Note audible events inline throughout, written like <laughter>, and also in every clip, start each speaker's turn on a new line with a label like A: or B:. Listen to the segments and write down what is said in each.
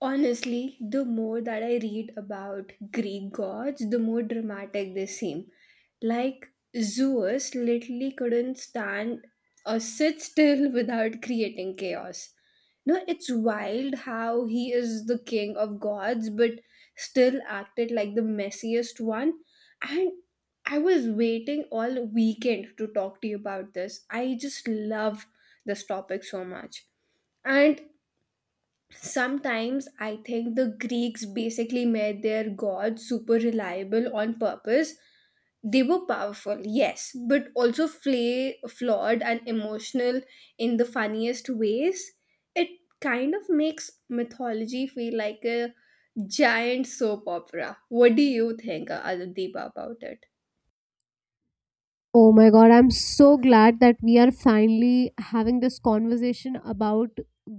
A: Honestly, the more that I read about Greek gods, the more dramatic they seem. Like Zeus literally couldn't stand or sit still <laughs> without creating chaos. No, it's wild how he is the king of gods but still acted like the messiest one. And I was waiting all weekend to talk to you about this. I just love this topic so much. And sometimes I think the Greeks basically made their gods super reliable on purpose. They were powerful, yes, but also flawed and emotional in the funniest ways. It kind of makes mythology feel like a giant soap opera. What do you think, Adideepa, about it?
B: Oh my god, I'm so glad that we are finally having this conversation about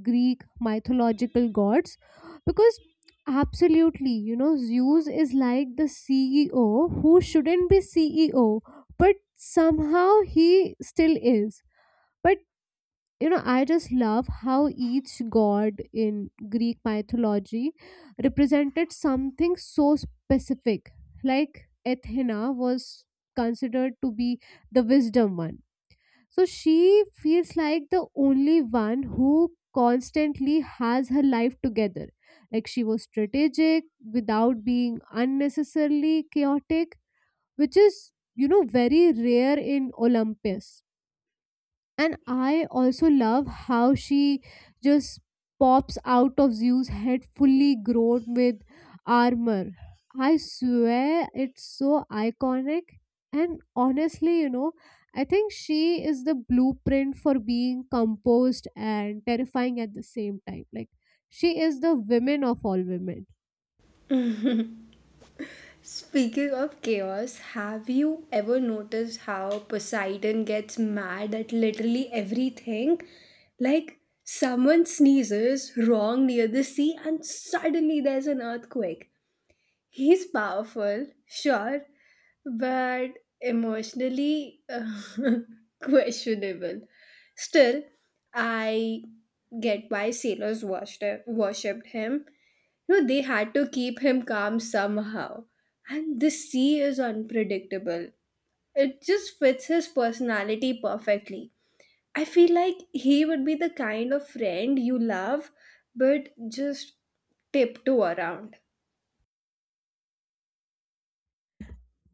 B: Greek mythological gods because absolutely, Zeus is like the CEO who shouldn't be CEO, but somehow he still is. But I just love how each god in greek mythology represented something so specific, like Athena was considered to be the wisdom one, so she feels like the only one who constantly has her life together. Like she was strategic without being unnecessarily chaotic, which is very rare in Olympus. And I also love how she just pops out of Zeus' head fully grown with armor. I swear it's so iconic. And honestly, I think she is the blueprint for being composed and terrifying at the same time. Like, she is the women of all women.
A: Speaking of chaos, have you ever noticed how Poseidon gets mad at literally everything? Like, someone sneezes wrong near the sea, and suddenly there's an earthquake. He's powerful, sure, but emotionally <laughs> questionable. Still, I get why sailors worshipped him. You know, they had to keep him calm somehow. And the sea is unpredictable. It just fits his personality perfectly. I feel like he would be the kind of friend you love, but just tiptoe around.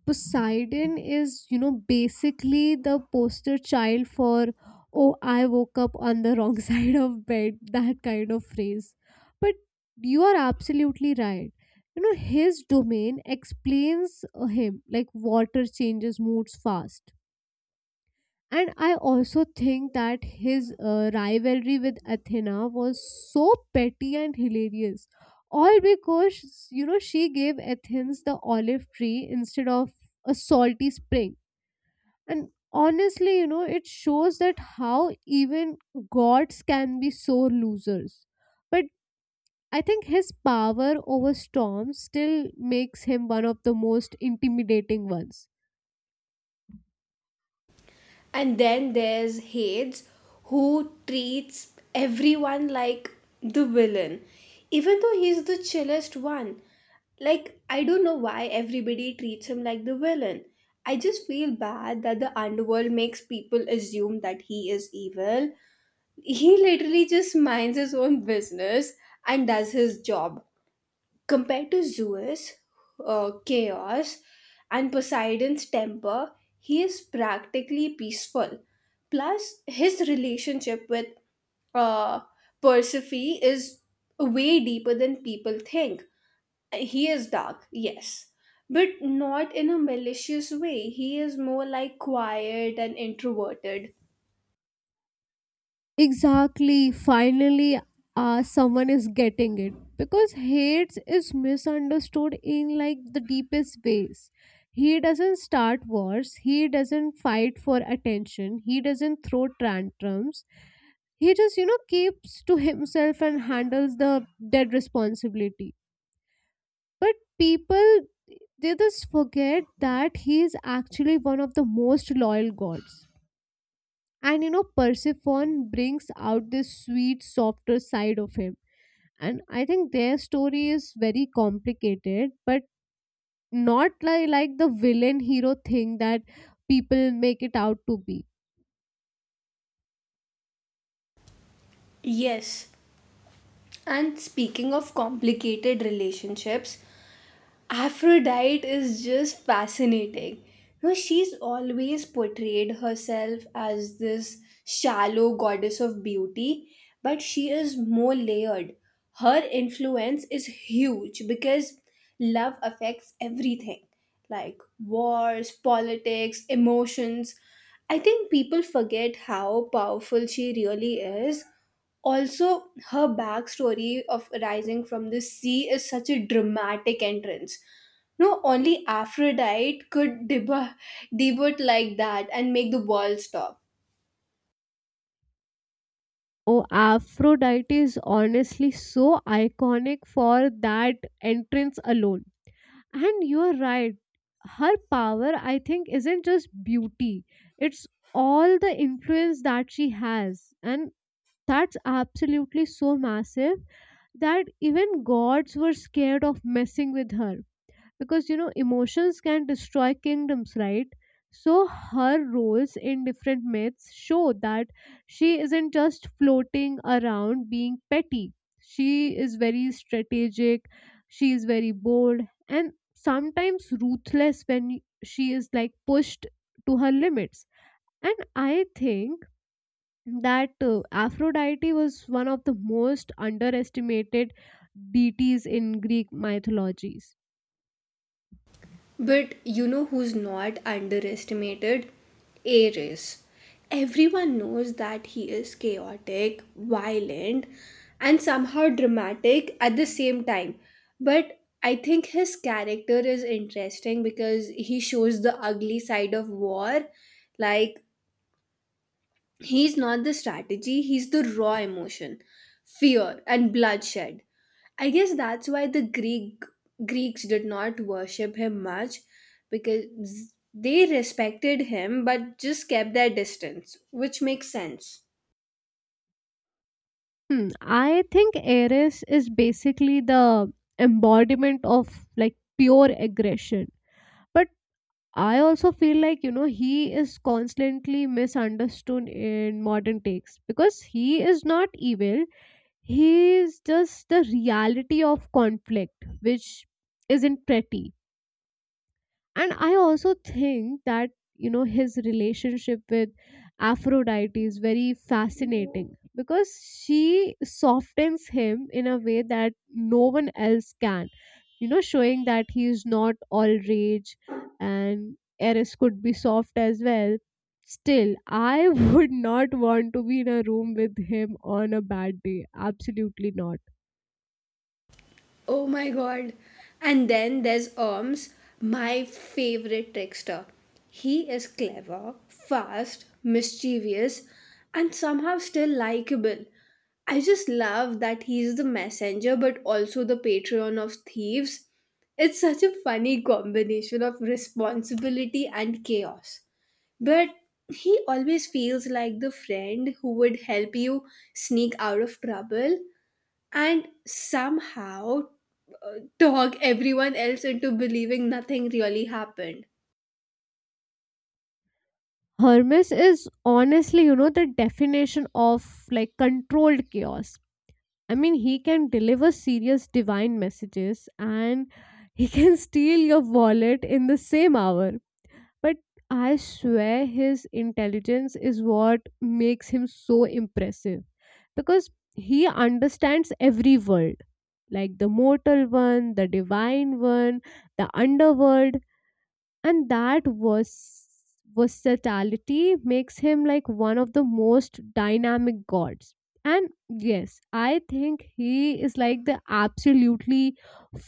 B: Poseidon is, basically the poster child for, oh, I woke up on the wrong <laughs> side of bed, that kind of phrase. But you are absolutely right. You know, his domain explains him, like water changes moods fast. And I also think that his rivalry with Athena was so petty and hilarious. All because, she gave Athens the olive tree instead of a salty spring. And honestly, it shows that how even gods can be sore losers. But I think his power over storms still makes him one of the most intimidating ones.
A: And then there's Hades, who treats everyone like the villain, even though he's the chillest one. Like, I don't know why everybody treats him like the villain. I just feel bad that the underworld makes people assume that he is evil. He literally just minds his own business and does his job. Compared to Zeus' chaos and Poseidon's temper, he is practically peaceful. Plus, his relationship with uh, Persephone is way deeper than people think. He is dark, yes, but not in a malicious way. He is more like quiet and introverted.
B: Exactly. Finally, someone is getting it because hate is misunderstood in like the deepest ways. He doesn't start wars. He doesn't fight for attention. He doesn't throw tantrums. He just keeps to himself and handles the dead responsibility. But people, they just forget that he is actually one of the most loyal gods, and Persephone brings out this sweet softer side of him. And I think their story is very complicated but not like, like the villain hero thing that people make it out to be.
A: Yes, and speaking of complicated relationships, Aphrodite is just fascinating. You know, she's always portrayed herself as this shallow goddess of beauty, but she is more layered. Her influence is huge because love affects everything, like wars, politics, emotions. I think people forget how powerful she really is. Also, her backstory of rising from the sea is such a dramatic entrance. No, only Aphrodite could debut like that and make the world stop.
B: Oh, Aphrodite is honestly so iconic for that entrance alone. And you're right, her power I think isn't just beauty, it's all the influence that she has. And that's absolutely so massive that even gods were scared of messing with her because emotions can destroy kingdoms, right? So her roles in different myths show that she isn't just floating around being petty. She is very strategic, she is very bold and sometimes ruthless when she is like pushed to her limits. And I think that Aphrodite was one of the most underestimated deities in Greek mythologies.
A: But you know who's not underestimated? Ares. Everyone knows that he is chaotic, violent, and somehow dramatic at the same time. But I think his character is interesting because he shows the ugly side of war. Like, he's not the strategy, he's the raw emotion, fear, and bloodshed. I guess that's why the Greeks did not worship him much, because they respected him but just kept their distance, which makes sense.
B: I think Ares is basically the embodiment of like pure aggression. But I also feel like, he is constantly misunderstood in modern takes because he is not evil. He is just the reality of conflict, which isn't pretty. And I also think that, his relationship with Aphrodite is very fascinating because she softens him in a way that no one else can, showing that he is not all rage, and Eris could be soft as well. Still, I <laughs> would not want to be in a room with him on a bad day. Absolutely not.
A: Oh my god. And then there's Orms, my favorite trickster. He is clever, fast, mischievous, and somehow still likable. I just love that he's the messenger but also the patron of thieves. It's such a funny combination of responsibility and chaos. But he always feels like the friend who would help you sneak out of trouble and somehow talk everyone else into believing nothing really happened.
B: Hermes is honestly, the definition of like controlled chaos. I mean, he can deliver serious divine messages, and he can <laughs> steal your wallet in the same hour. But I swear his intelligence is what makes him so impressive because he understands every world, like the mortal one, the divine one, the underworld. And that versatility makes him like one of the most dynamic gods. And yes, I think he is like the absolutely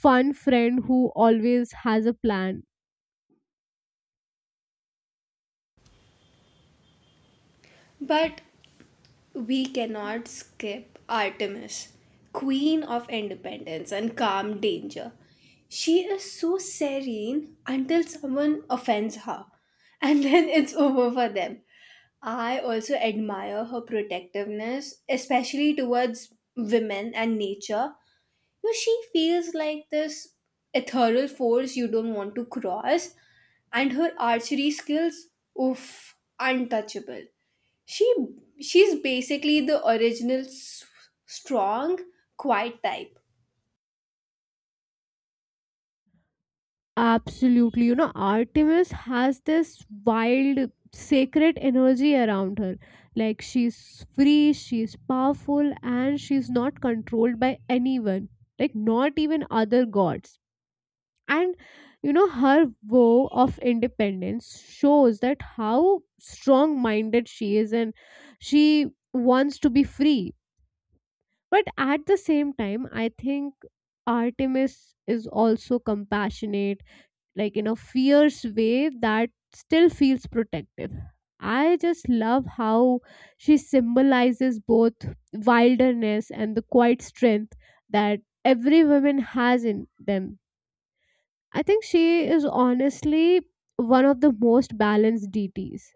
B: fun friend who always has a plan.
A: But we cannot skip Artemis, queen of independence and calm danger. She is so serene until someone offends her, and then <laughs> it's over for them. I also admire her protectiveness, especially towards women and nature. You know, she feels like this ethereal force you don't want to cross, and her archery skills, oof, untouchable. She she's basically the original strong, quiet type.
B: Absolutely, Artemis has this wild sacred energy around her. Like she's free, she's powerful, and she's not controlled by anyone, like not even other gods. And her vow of independence shows that how strong minded she is, and she wants to be free. But at the same time, I think Artemis is also compassionate, like in a fierce way that still feels protective. I just love how she symbolizes both wilderness and the quiet strength that every woman has in them. I think she is honestly one of the most balanced DTs.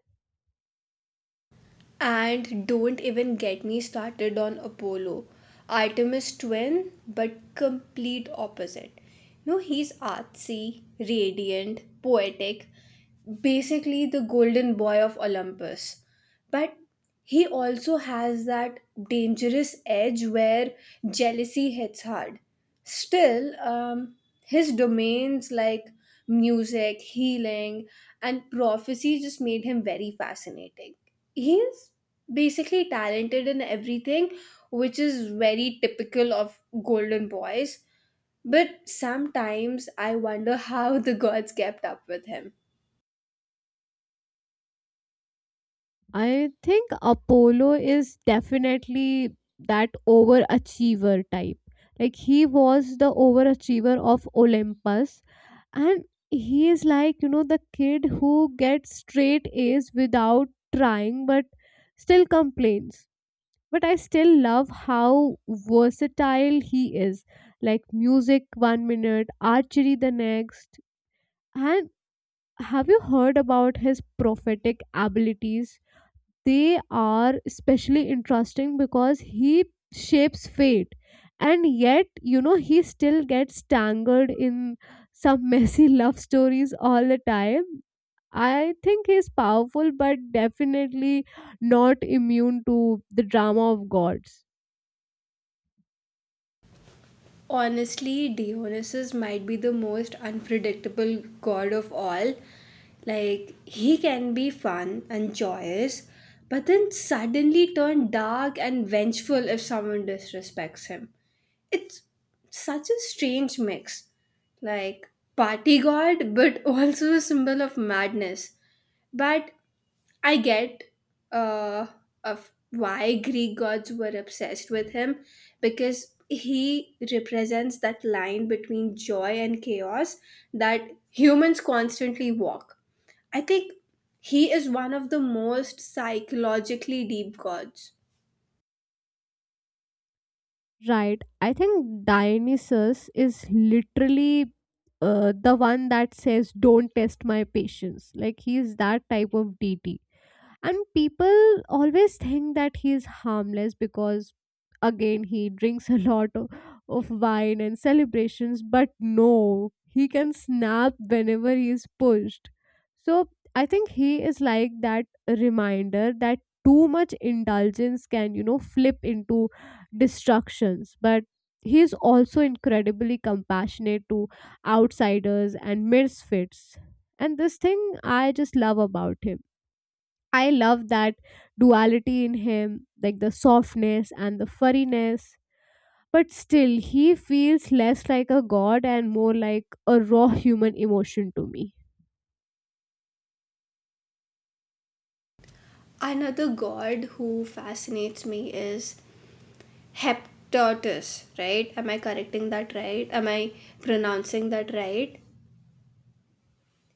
A: And don't even get me started on Apollo, Artemis twin, but complete opposite. No, he's artsy, radiant, poetic, basically the golden boy of Olympus. But he also has that dangerous edge where jealousy hits hard. Still, his domains, like music, healing, and prophecy, just made him very fascinating. He's basically talented in everything, which is very typical of golden boys. But sometimes I wonder how the gods kept up with him.
B: I think Apollo is definitely that overachiever type. Like he was the overachiever of Olympus, and he is like, the kid who gets straight A's without trying but still complains. But I still love how versatile he is. Like music one minute, archery the next, and have you heard about his prophetic abilities? They are especially interesting because he shapes fate, and yet, he still gets tangled in some messy <laughs> love stories all the time. I think he's powerful, but definitely not immune to the drama of gods.
A: Honestly, Dionysus might be the most unpredictable god of all. Like, he can be fun and joyous, but then suddenly turn dark and vengeful if someone disrespects him. It's such a strange mix. Like, party god, but <laughs> also a symbol of madness. But I get uh, of why Greek gods were obsessed with him, because he represents that line between joy and chaos that humans constantly walk. I think he is one of the most psychologically deep gods.
B: Right. I think Dionysus is literally the one that says, "Don't test my patience." Like, he's that type of deity, and people always think that he is harmless because again he drinks <laughs> a lot of wine and celebrations. But no, he can snap whenever he is pushed. So I think he is like that reminder that too much indulgence can flip into destructions. But he is also incredibly compassionate to outsiders and misfits, and this thing I just love about him. I love that duality in him, like the softness and the furriness. But still, he feels less like a god and more like a raw human emotion to me.
A: Another god who fascinates me is Hephaestus, right? Am I correcting that right? Am I pronouncing that right?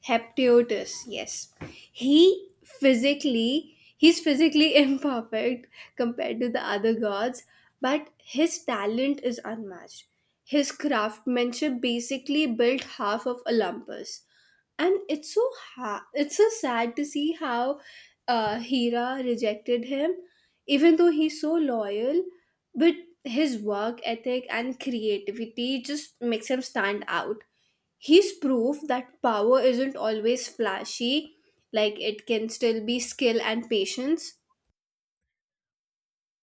A: Heptiotus, yes. He's physically <laughs> imperfect compared to the other gods, but his talent is unmatched. His craftsmanship basically built half of Olympus. And it's so it's so sad to see how Hera rejected him, even though he's so loyal. But his work ethic and creativity just makes him stand out. He's proof that power isn't always flashy, like it can still be skill and patience.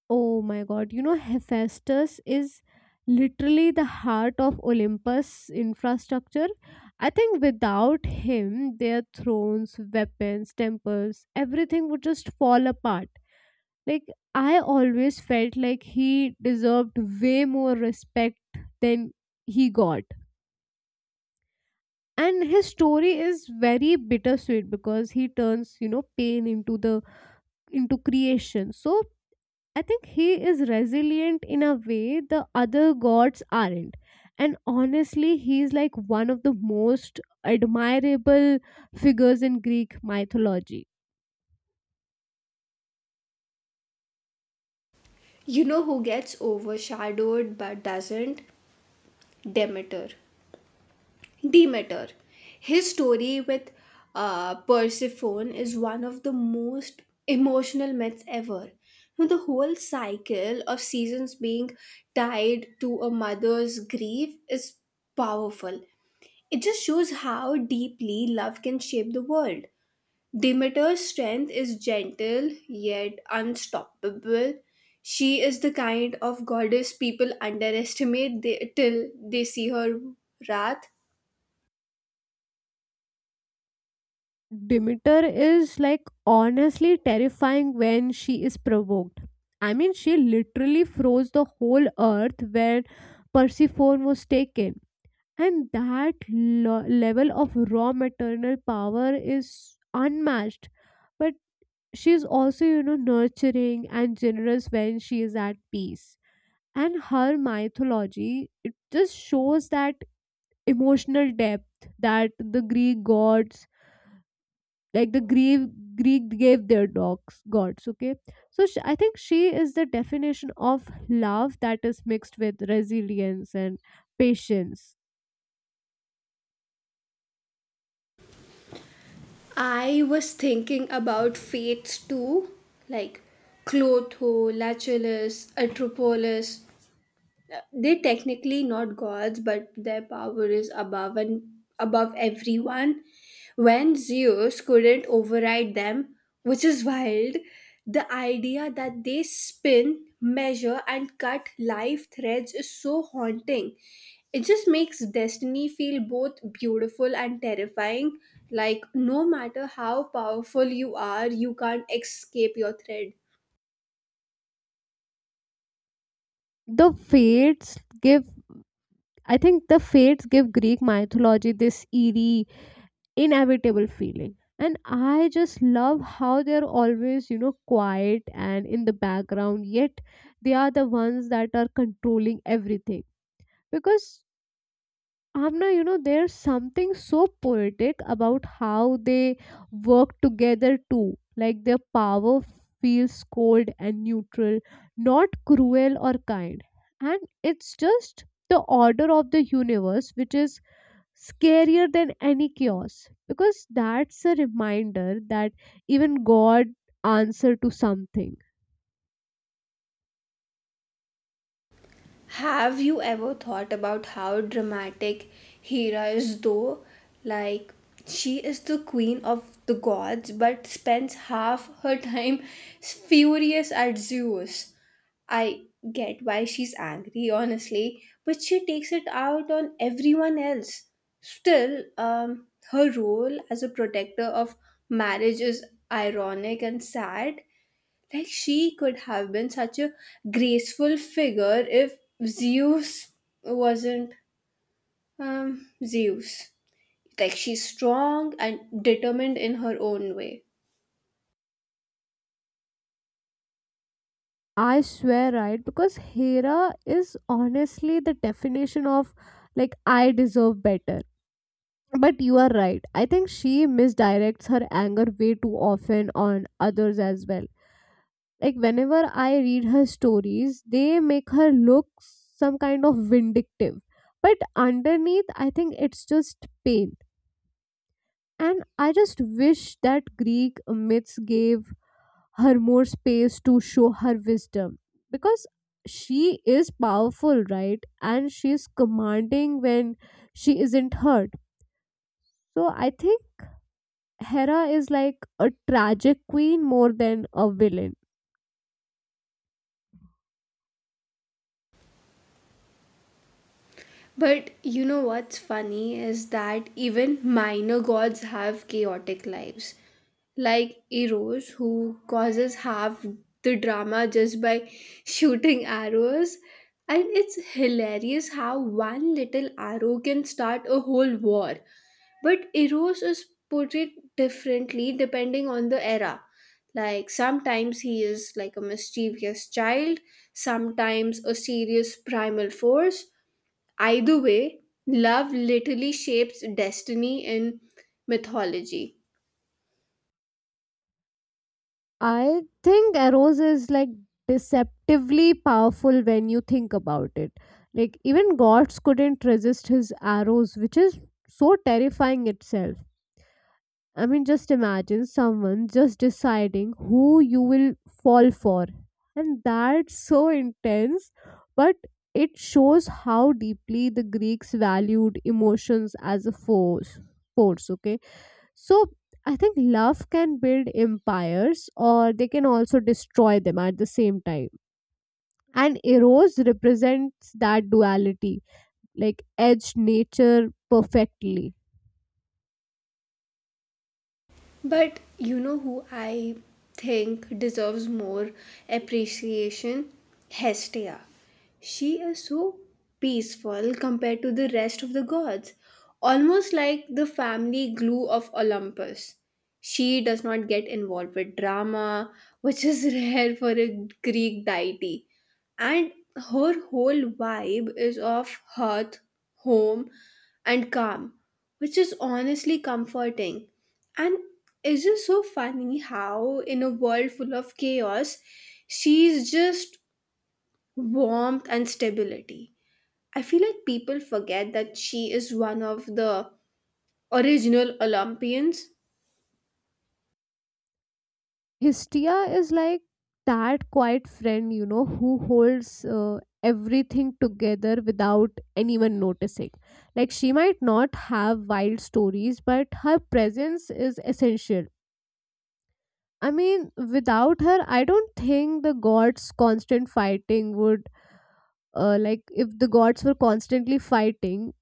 B: Oh my god, Hephaestus is literally the heart of Olympus infrastructure. I think without him, their thrones, weapons, temples, everything would just fall apart. Like, I always felt like he deserved way more respect than he got. And his story is very bittersweet because he turns, pain into the into creation. So I think he is resilient in a way the other gods aren't. And honestly, he is like one of the most admirable figures in Greek mythology.
A: You know who gets overshadowed but doesn't? Demeter. Demeter. His story with Persephone is one of the most emotional myths ever. You know, the whole cycle of seasons being tied to a mother's grief is powerful. It just shows how deeply love can shape the world. Demeter's strength is gentle yet unstoppable. She is the kind of goddess people underestimate till they see her wrath.
B: Demeter is like honestly terrifying when she is provoked. I mean, she literally froze the whole earth when Persephone was taken. And that level of raw maternal power is unmatched. But she is also, nurturing and generous when she is at peace. And her mythology, it just shows that emotional depth that the Greek gods, like the Greek Greek gave their dogs gods. Okay, so I think she is the definition of love that is mixed with resilience and patience.
A: I was thinking about fates too, like Clotho, Lachulus, Atropolis. They're technically not gods, but their power is above everyone. When Zeus couldn't override them, which is wild, the idea that they spin, measure, and cut life threads is so haunting. It just makes destiny feel both beautiful and terrifying. Like, no matter how powerful you are, you can't escape your thread.
B: The fates give. I think the fates give Greek mythology this eerie, inevitable feeling. And I just love how they're always, quiet and in the background, yet they are the ones that are controlling everything because Amna, there's something so poetic about how they work together too. Like their power feels cold and neutral, not cruel or kind. And it's just the order of the universe which is scarier than any chaos. Because that's a reminder that even God answer to something.
A: Have you ever thought about how dramatic Hera is, though? Like, she is the queen of the gods, but spends half her time furious at Zeus. I get why she's angry, honestly, but she takes it out on everyone else. Still, her role as a protector of marriage is ironic and sad. Like, she could have been such a graceful figure if Zeus wasn't, Zeus. Like, she's strong and determined in her own way.
B: I swear, right? Because Hera is honestly the definition of like "I deserve better," but you are right. I think she misdirects her anger way too often on others as well. Like whenever I read her stories, they make her look some kind of vindictive. But underneath, I think it's just pain. And I just wish that Greek myths gave her more space to show her wisdom because she is powerful, right? And she's commanding when she isn't hurt. So I think Hera is like a tragic queen more than a villain.
A: But you know what's funny is that even minor gods have chaotic lives. Like Eros, who causes half the drama just by shooting arrows. And it's hilarious how one little arrow can start a whole war. But Eros is portrayed differently depending on the era. Like, sometimes he is like a mischievous child, sometimes a serious primal force. Either way, love literally shapes destiny in mythology.
B: I think Eros is like deceptively powerful when you think about it. Like even gods couldn't resist his arrows, which is so terrifying itself. I mean, just imagine someone just deciding who you will fall for. And that's so intense, but it shows how deeply the Greeks valued emotions as a force. Force, okay? So I think love can build empires, or they can also destroy them at the same time. And Eros represents that duality, like edge nature perfectly.
A: But you know who I think deserves more appreciation? Hestia. She is so peaceful compared to the rest of the gods, almost like the family glue of Olympus. She does not get involved with drama, which is <laughs> rare for a Greek deity. And her whole vibe is of hearth, home, and calm, which is honestly comforting. And it's just so funny how, in a world full of chaos, she's just warmth and stability. I feel like people forget that she is one of the original Olympians.
B: Hestia is like that quiet friend, who holds everything together without anyone noticing. Like, she might not have wild stories, but her presence is essential. I mean, without her, I don't think the gods' constant fighting would like if the gods were constantly fighting,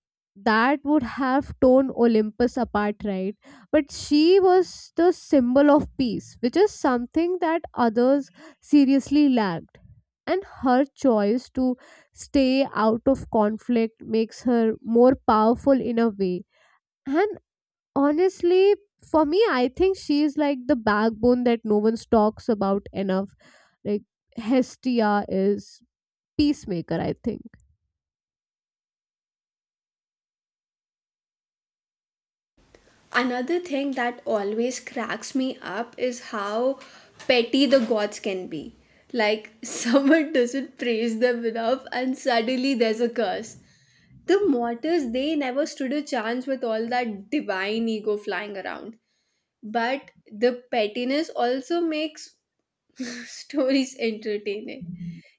B: that would have torn Olympus apart, right? But she was the symbol of peace, which is something that others seriously lacked. And her choice to stay out of conflict makes her more powerful in a way. And honestly, for me, I think she is like the backbone that no one talks about enough. Like, Hestia is peacemaker, I think.
A: Another thing that always cracks me up is how petty the gods can be. Like, <laughs> someone doesn't praise them enough, and suddenly there's a curse. The mortals, they never stood a chance with all that divine ego flying around. But the pettiness also makes <laughs> stories entertaining.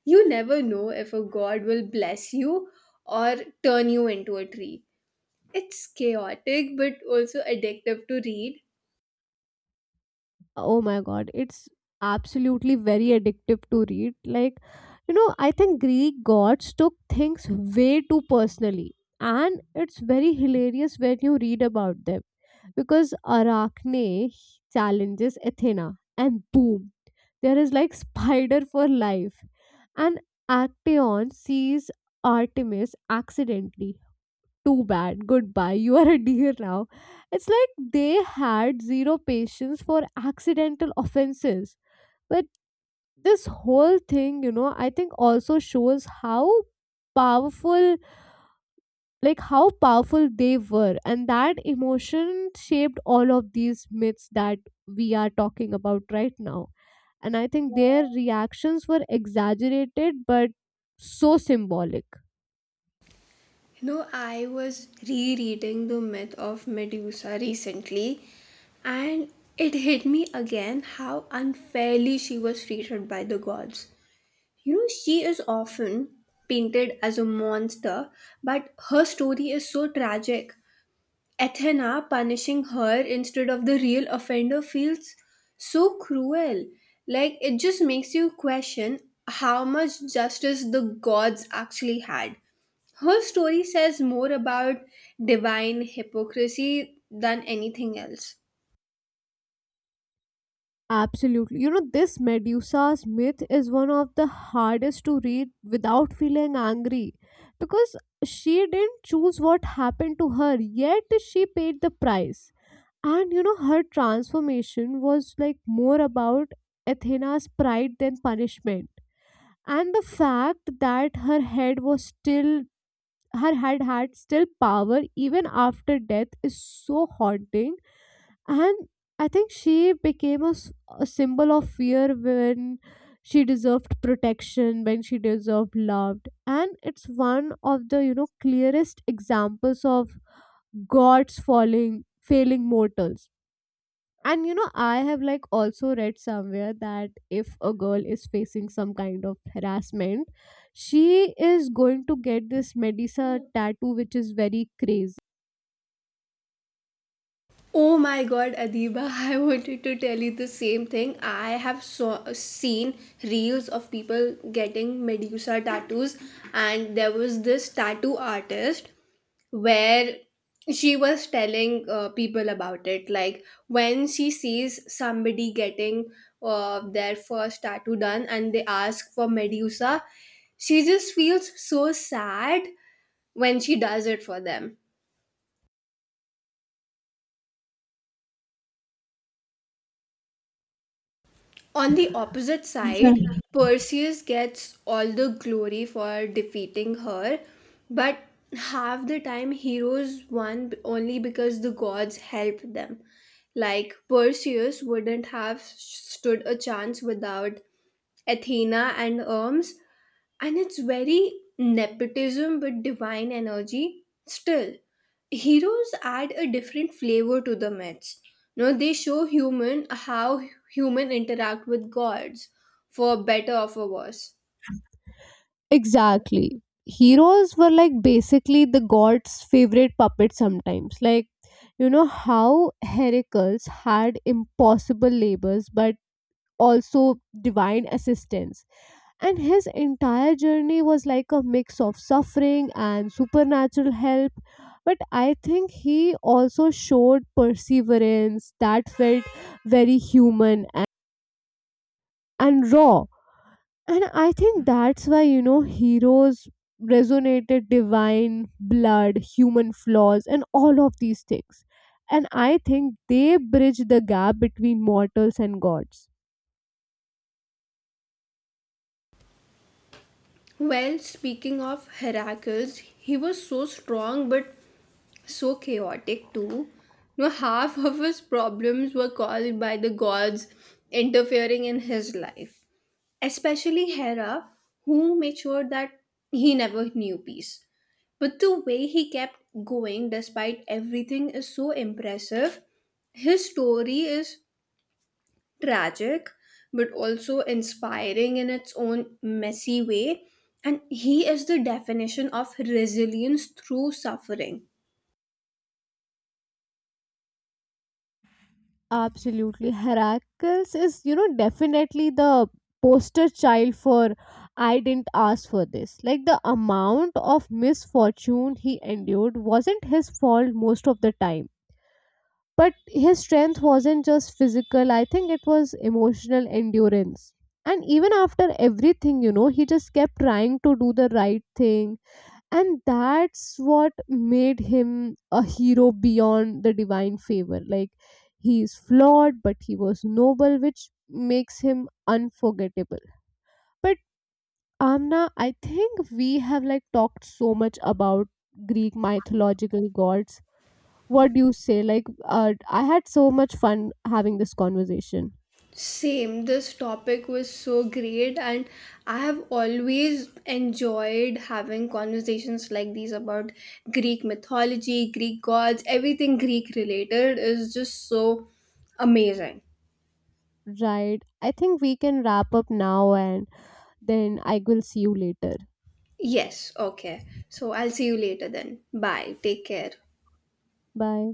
A: You never know if a god will bless you or turn you into a tree. It's chaotic but also addictive to read.
B: Oh my god, it's absolutely very addictive to read. Like, I think Greek gods took things way too personally, and it's very hilarious when you read about them. Because Arachne challenges Athena and boom, there is like spider for life. And Actaeon sees Artemis accidentally, too bad, goodbye, you are a deer now. It's like they had zero patience for accidental offenses. But this whole thing, I think also shows how powerful like how powerful they were, and that emotion shaped all of these myths that we are talking about right now. And I think their reactions were exaggerated but so symbolic.
A: You know, I was rereading the myth of Medusa recently, and it hit me again how unfairly she was treated by the gods. You know, she is often painted as a monster, but her story is so tragic. Athena punishing her instead of the real offender feels so cruel. Like, it just makes you question how much justice the gods actually had. Her story says more about divine hypocrisy than anything else.
B: Absolutely. You know, this Medusa's myth is one of the hardest to read without feeling angry because she didn't choose what happened to her, yet she paid the price. And her transformation was like more about Athena's pride than punishment. And the fact that her head had still power even after death is so haunting. And I think she became a symbol of fear when she deserved loved. And it's one of the clearest examples of gods falling failing mortals. And I have like also read somewhere that if a girl is facing some kind of harassment, she is going to get this Medusa tattoo, which is very crazy.
A: Oh my god, Adiba, <laughs> I wanted to tell you the same thing. I have seen reels of people getting Medusa tattoos, and there was this tattoo artist where she was telling people about it. Like, when she sees somebody getting their first tattoo done and they ask for Medusa, she just feels so sad when she does it for them. On the opposite
B: Yeah.
A: side, Perseus gets all the glory for defeating her, but half the time heroes won only because the gods helped them. Like, Perseus wouldn't have stood a chance without Athena and Hermes, and it's very nepotism but divine energy. Still, heroes add a different flavor to the myths. You they show human how human interact with gods, for better or for worse.
B: Exactly. Heroes were like basically the gods' favorite puppets sometimes. Like, how Heracles had impossible labors but also divine assistance. And his entire journey was like a mix of suffering and supernatural help. But I think he also showed perseverance that felt very human and raw. And I think that's why, heroes resonated divine, blood, human flaws, and all of these things. And I think they bridge the gap between mortals and gods.
A: Well, speaking of Heracles, he was so strong but so chaotic too. No, half of his problems were caused by the gods interfering in his life, especially Hera, who made sure that he never knew peace. But the way he kept going despite everything is so impressive. His story is tragic but also inspiring in its own messy way, and he is the definition of resilience through suffering.
B: Absolutely. Heracles is, definitely the poster child for "I didn't ask for this." Like the amount of misfortune he endured wasn't his fault most of the time, but his strength wasn't just physical. I think it was emotional endurance, and even after everything, he just kept trying to do the right thing. And that's what made him a hero beyond the divine favor. Like, he is flawed but he was noble, which makes him unforgettable. But Amna, I think we have like talked so much about Greek mythological gods. What do you say? Like, I had so much fun having this conversation.
A: Same, this topic was so great, and I have always enjoyed having conversations like these about Greek mythology, Greek gods. Everything Greek related is just so amazing.
B: Right, I think we can wrap up now and then I will see you later.
A: Yes, okay. So I'll see you later then. Bye. Take care.
B: Bye.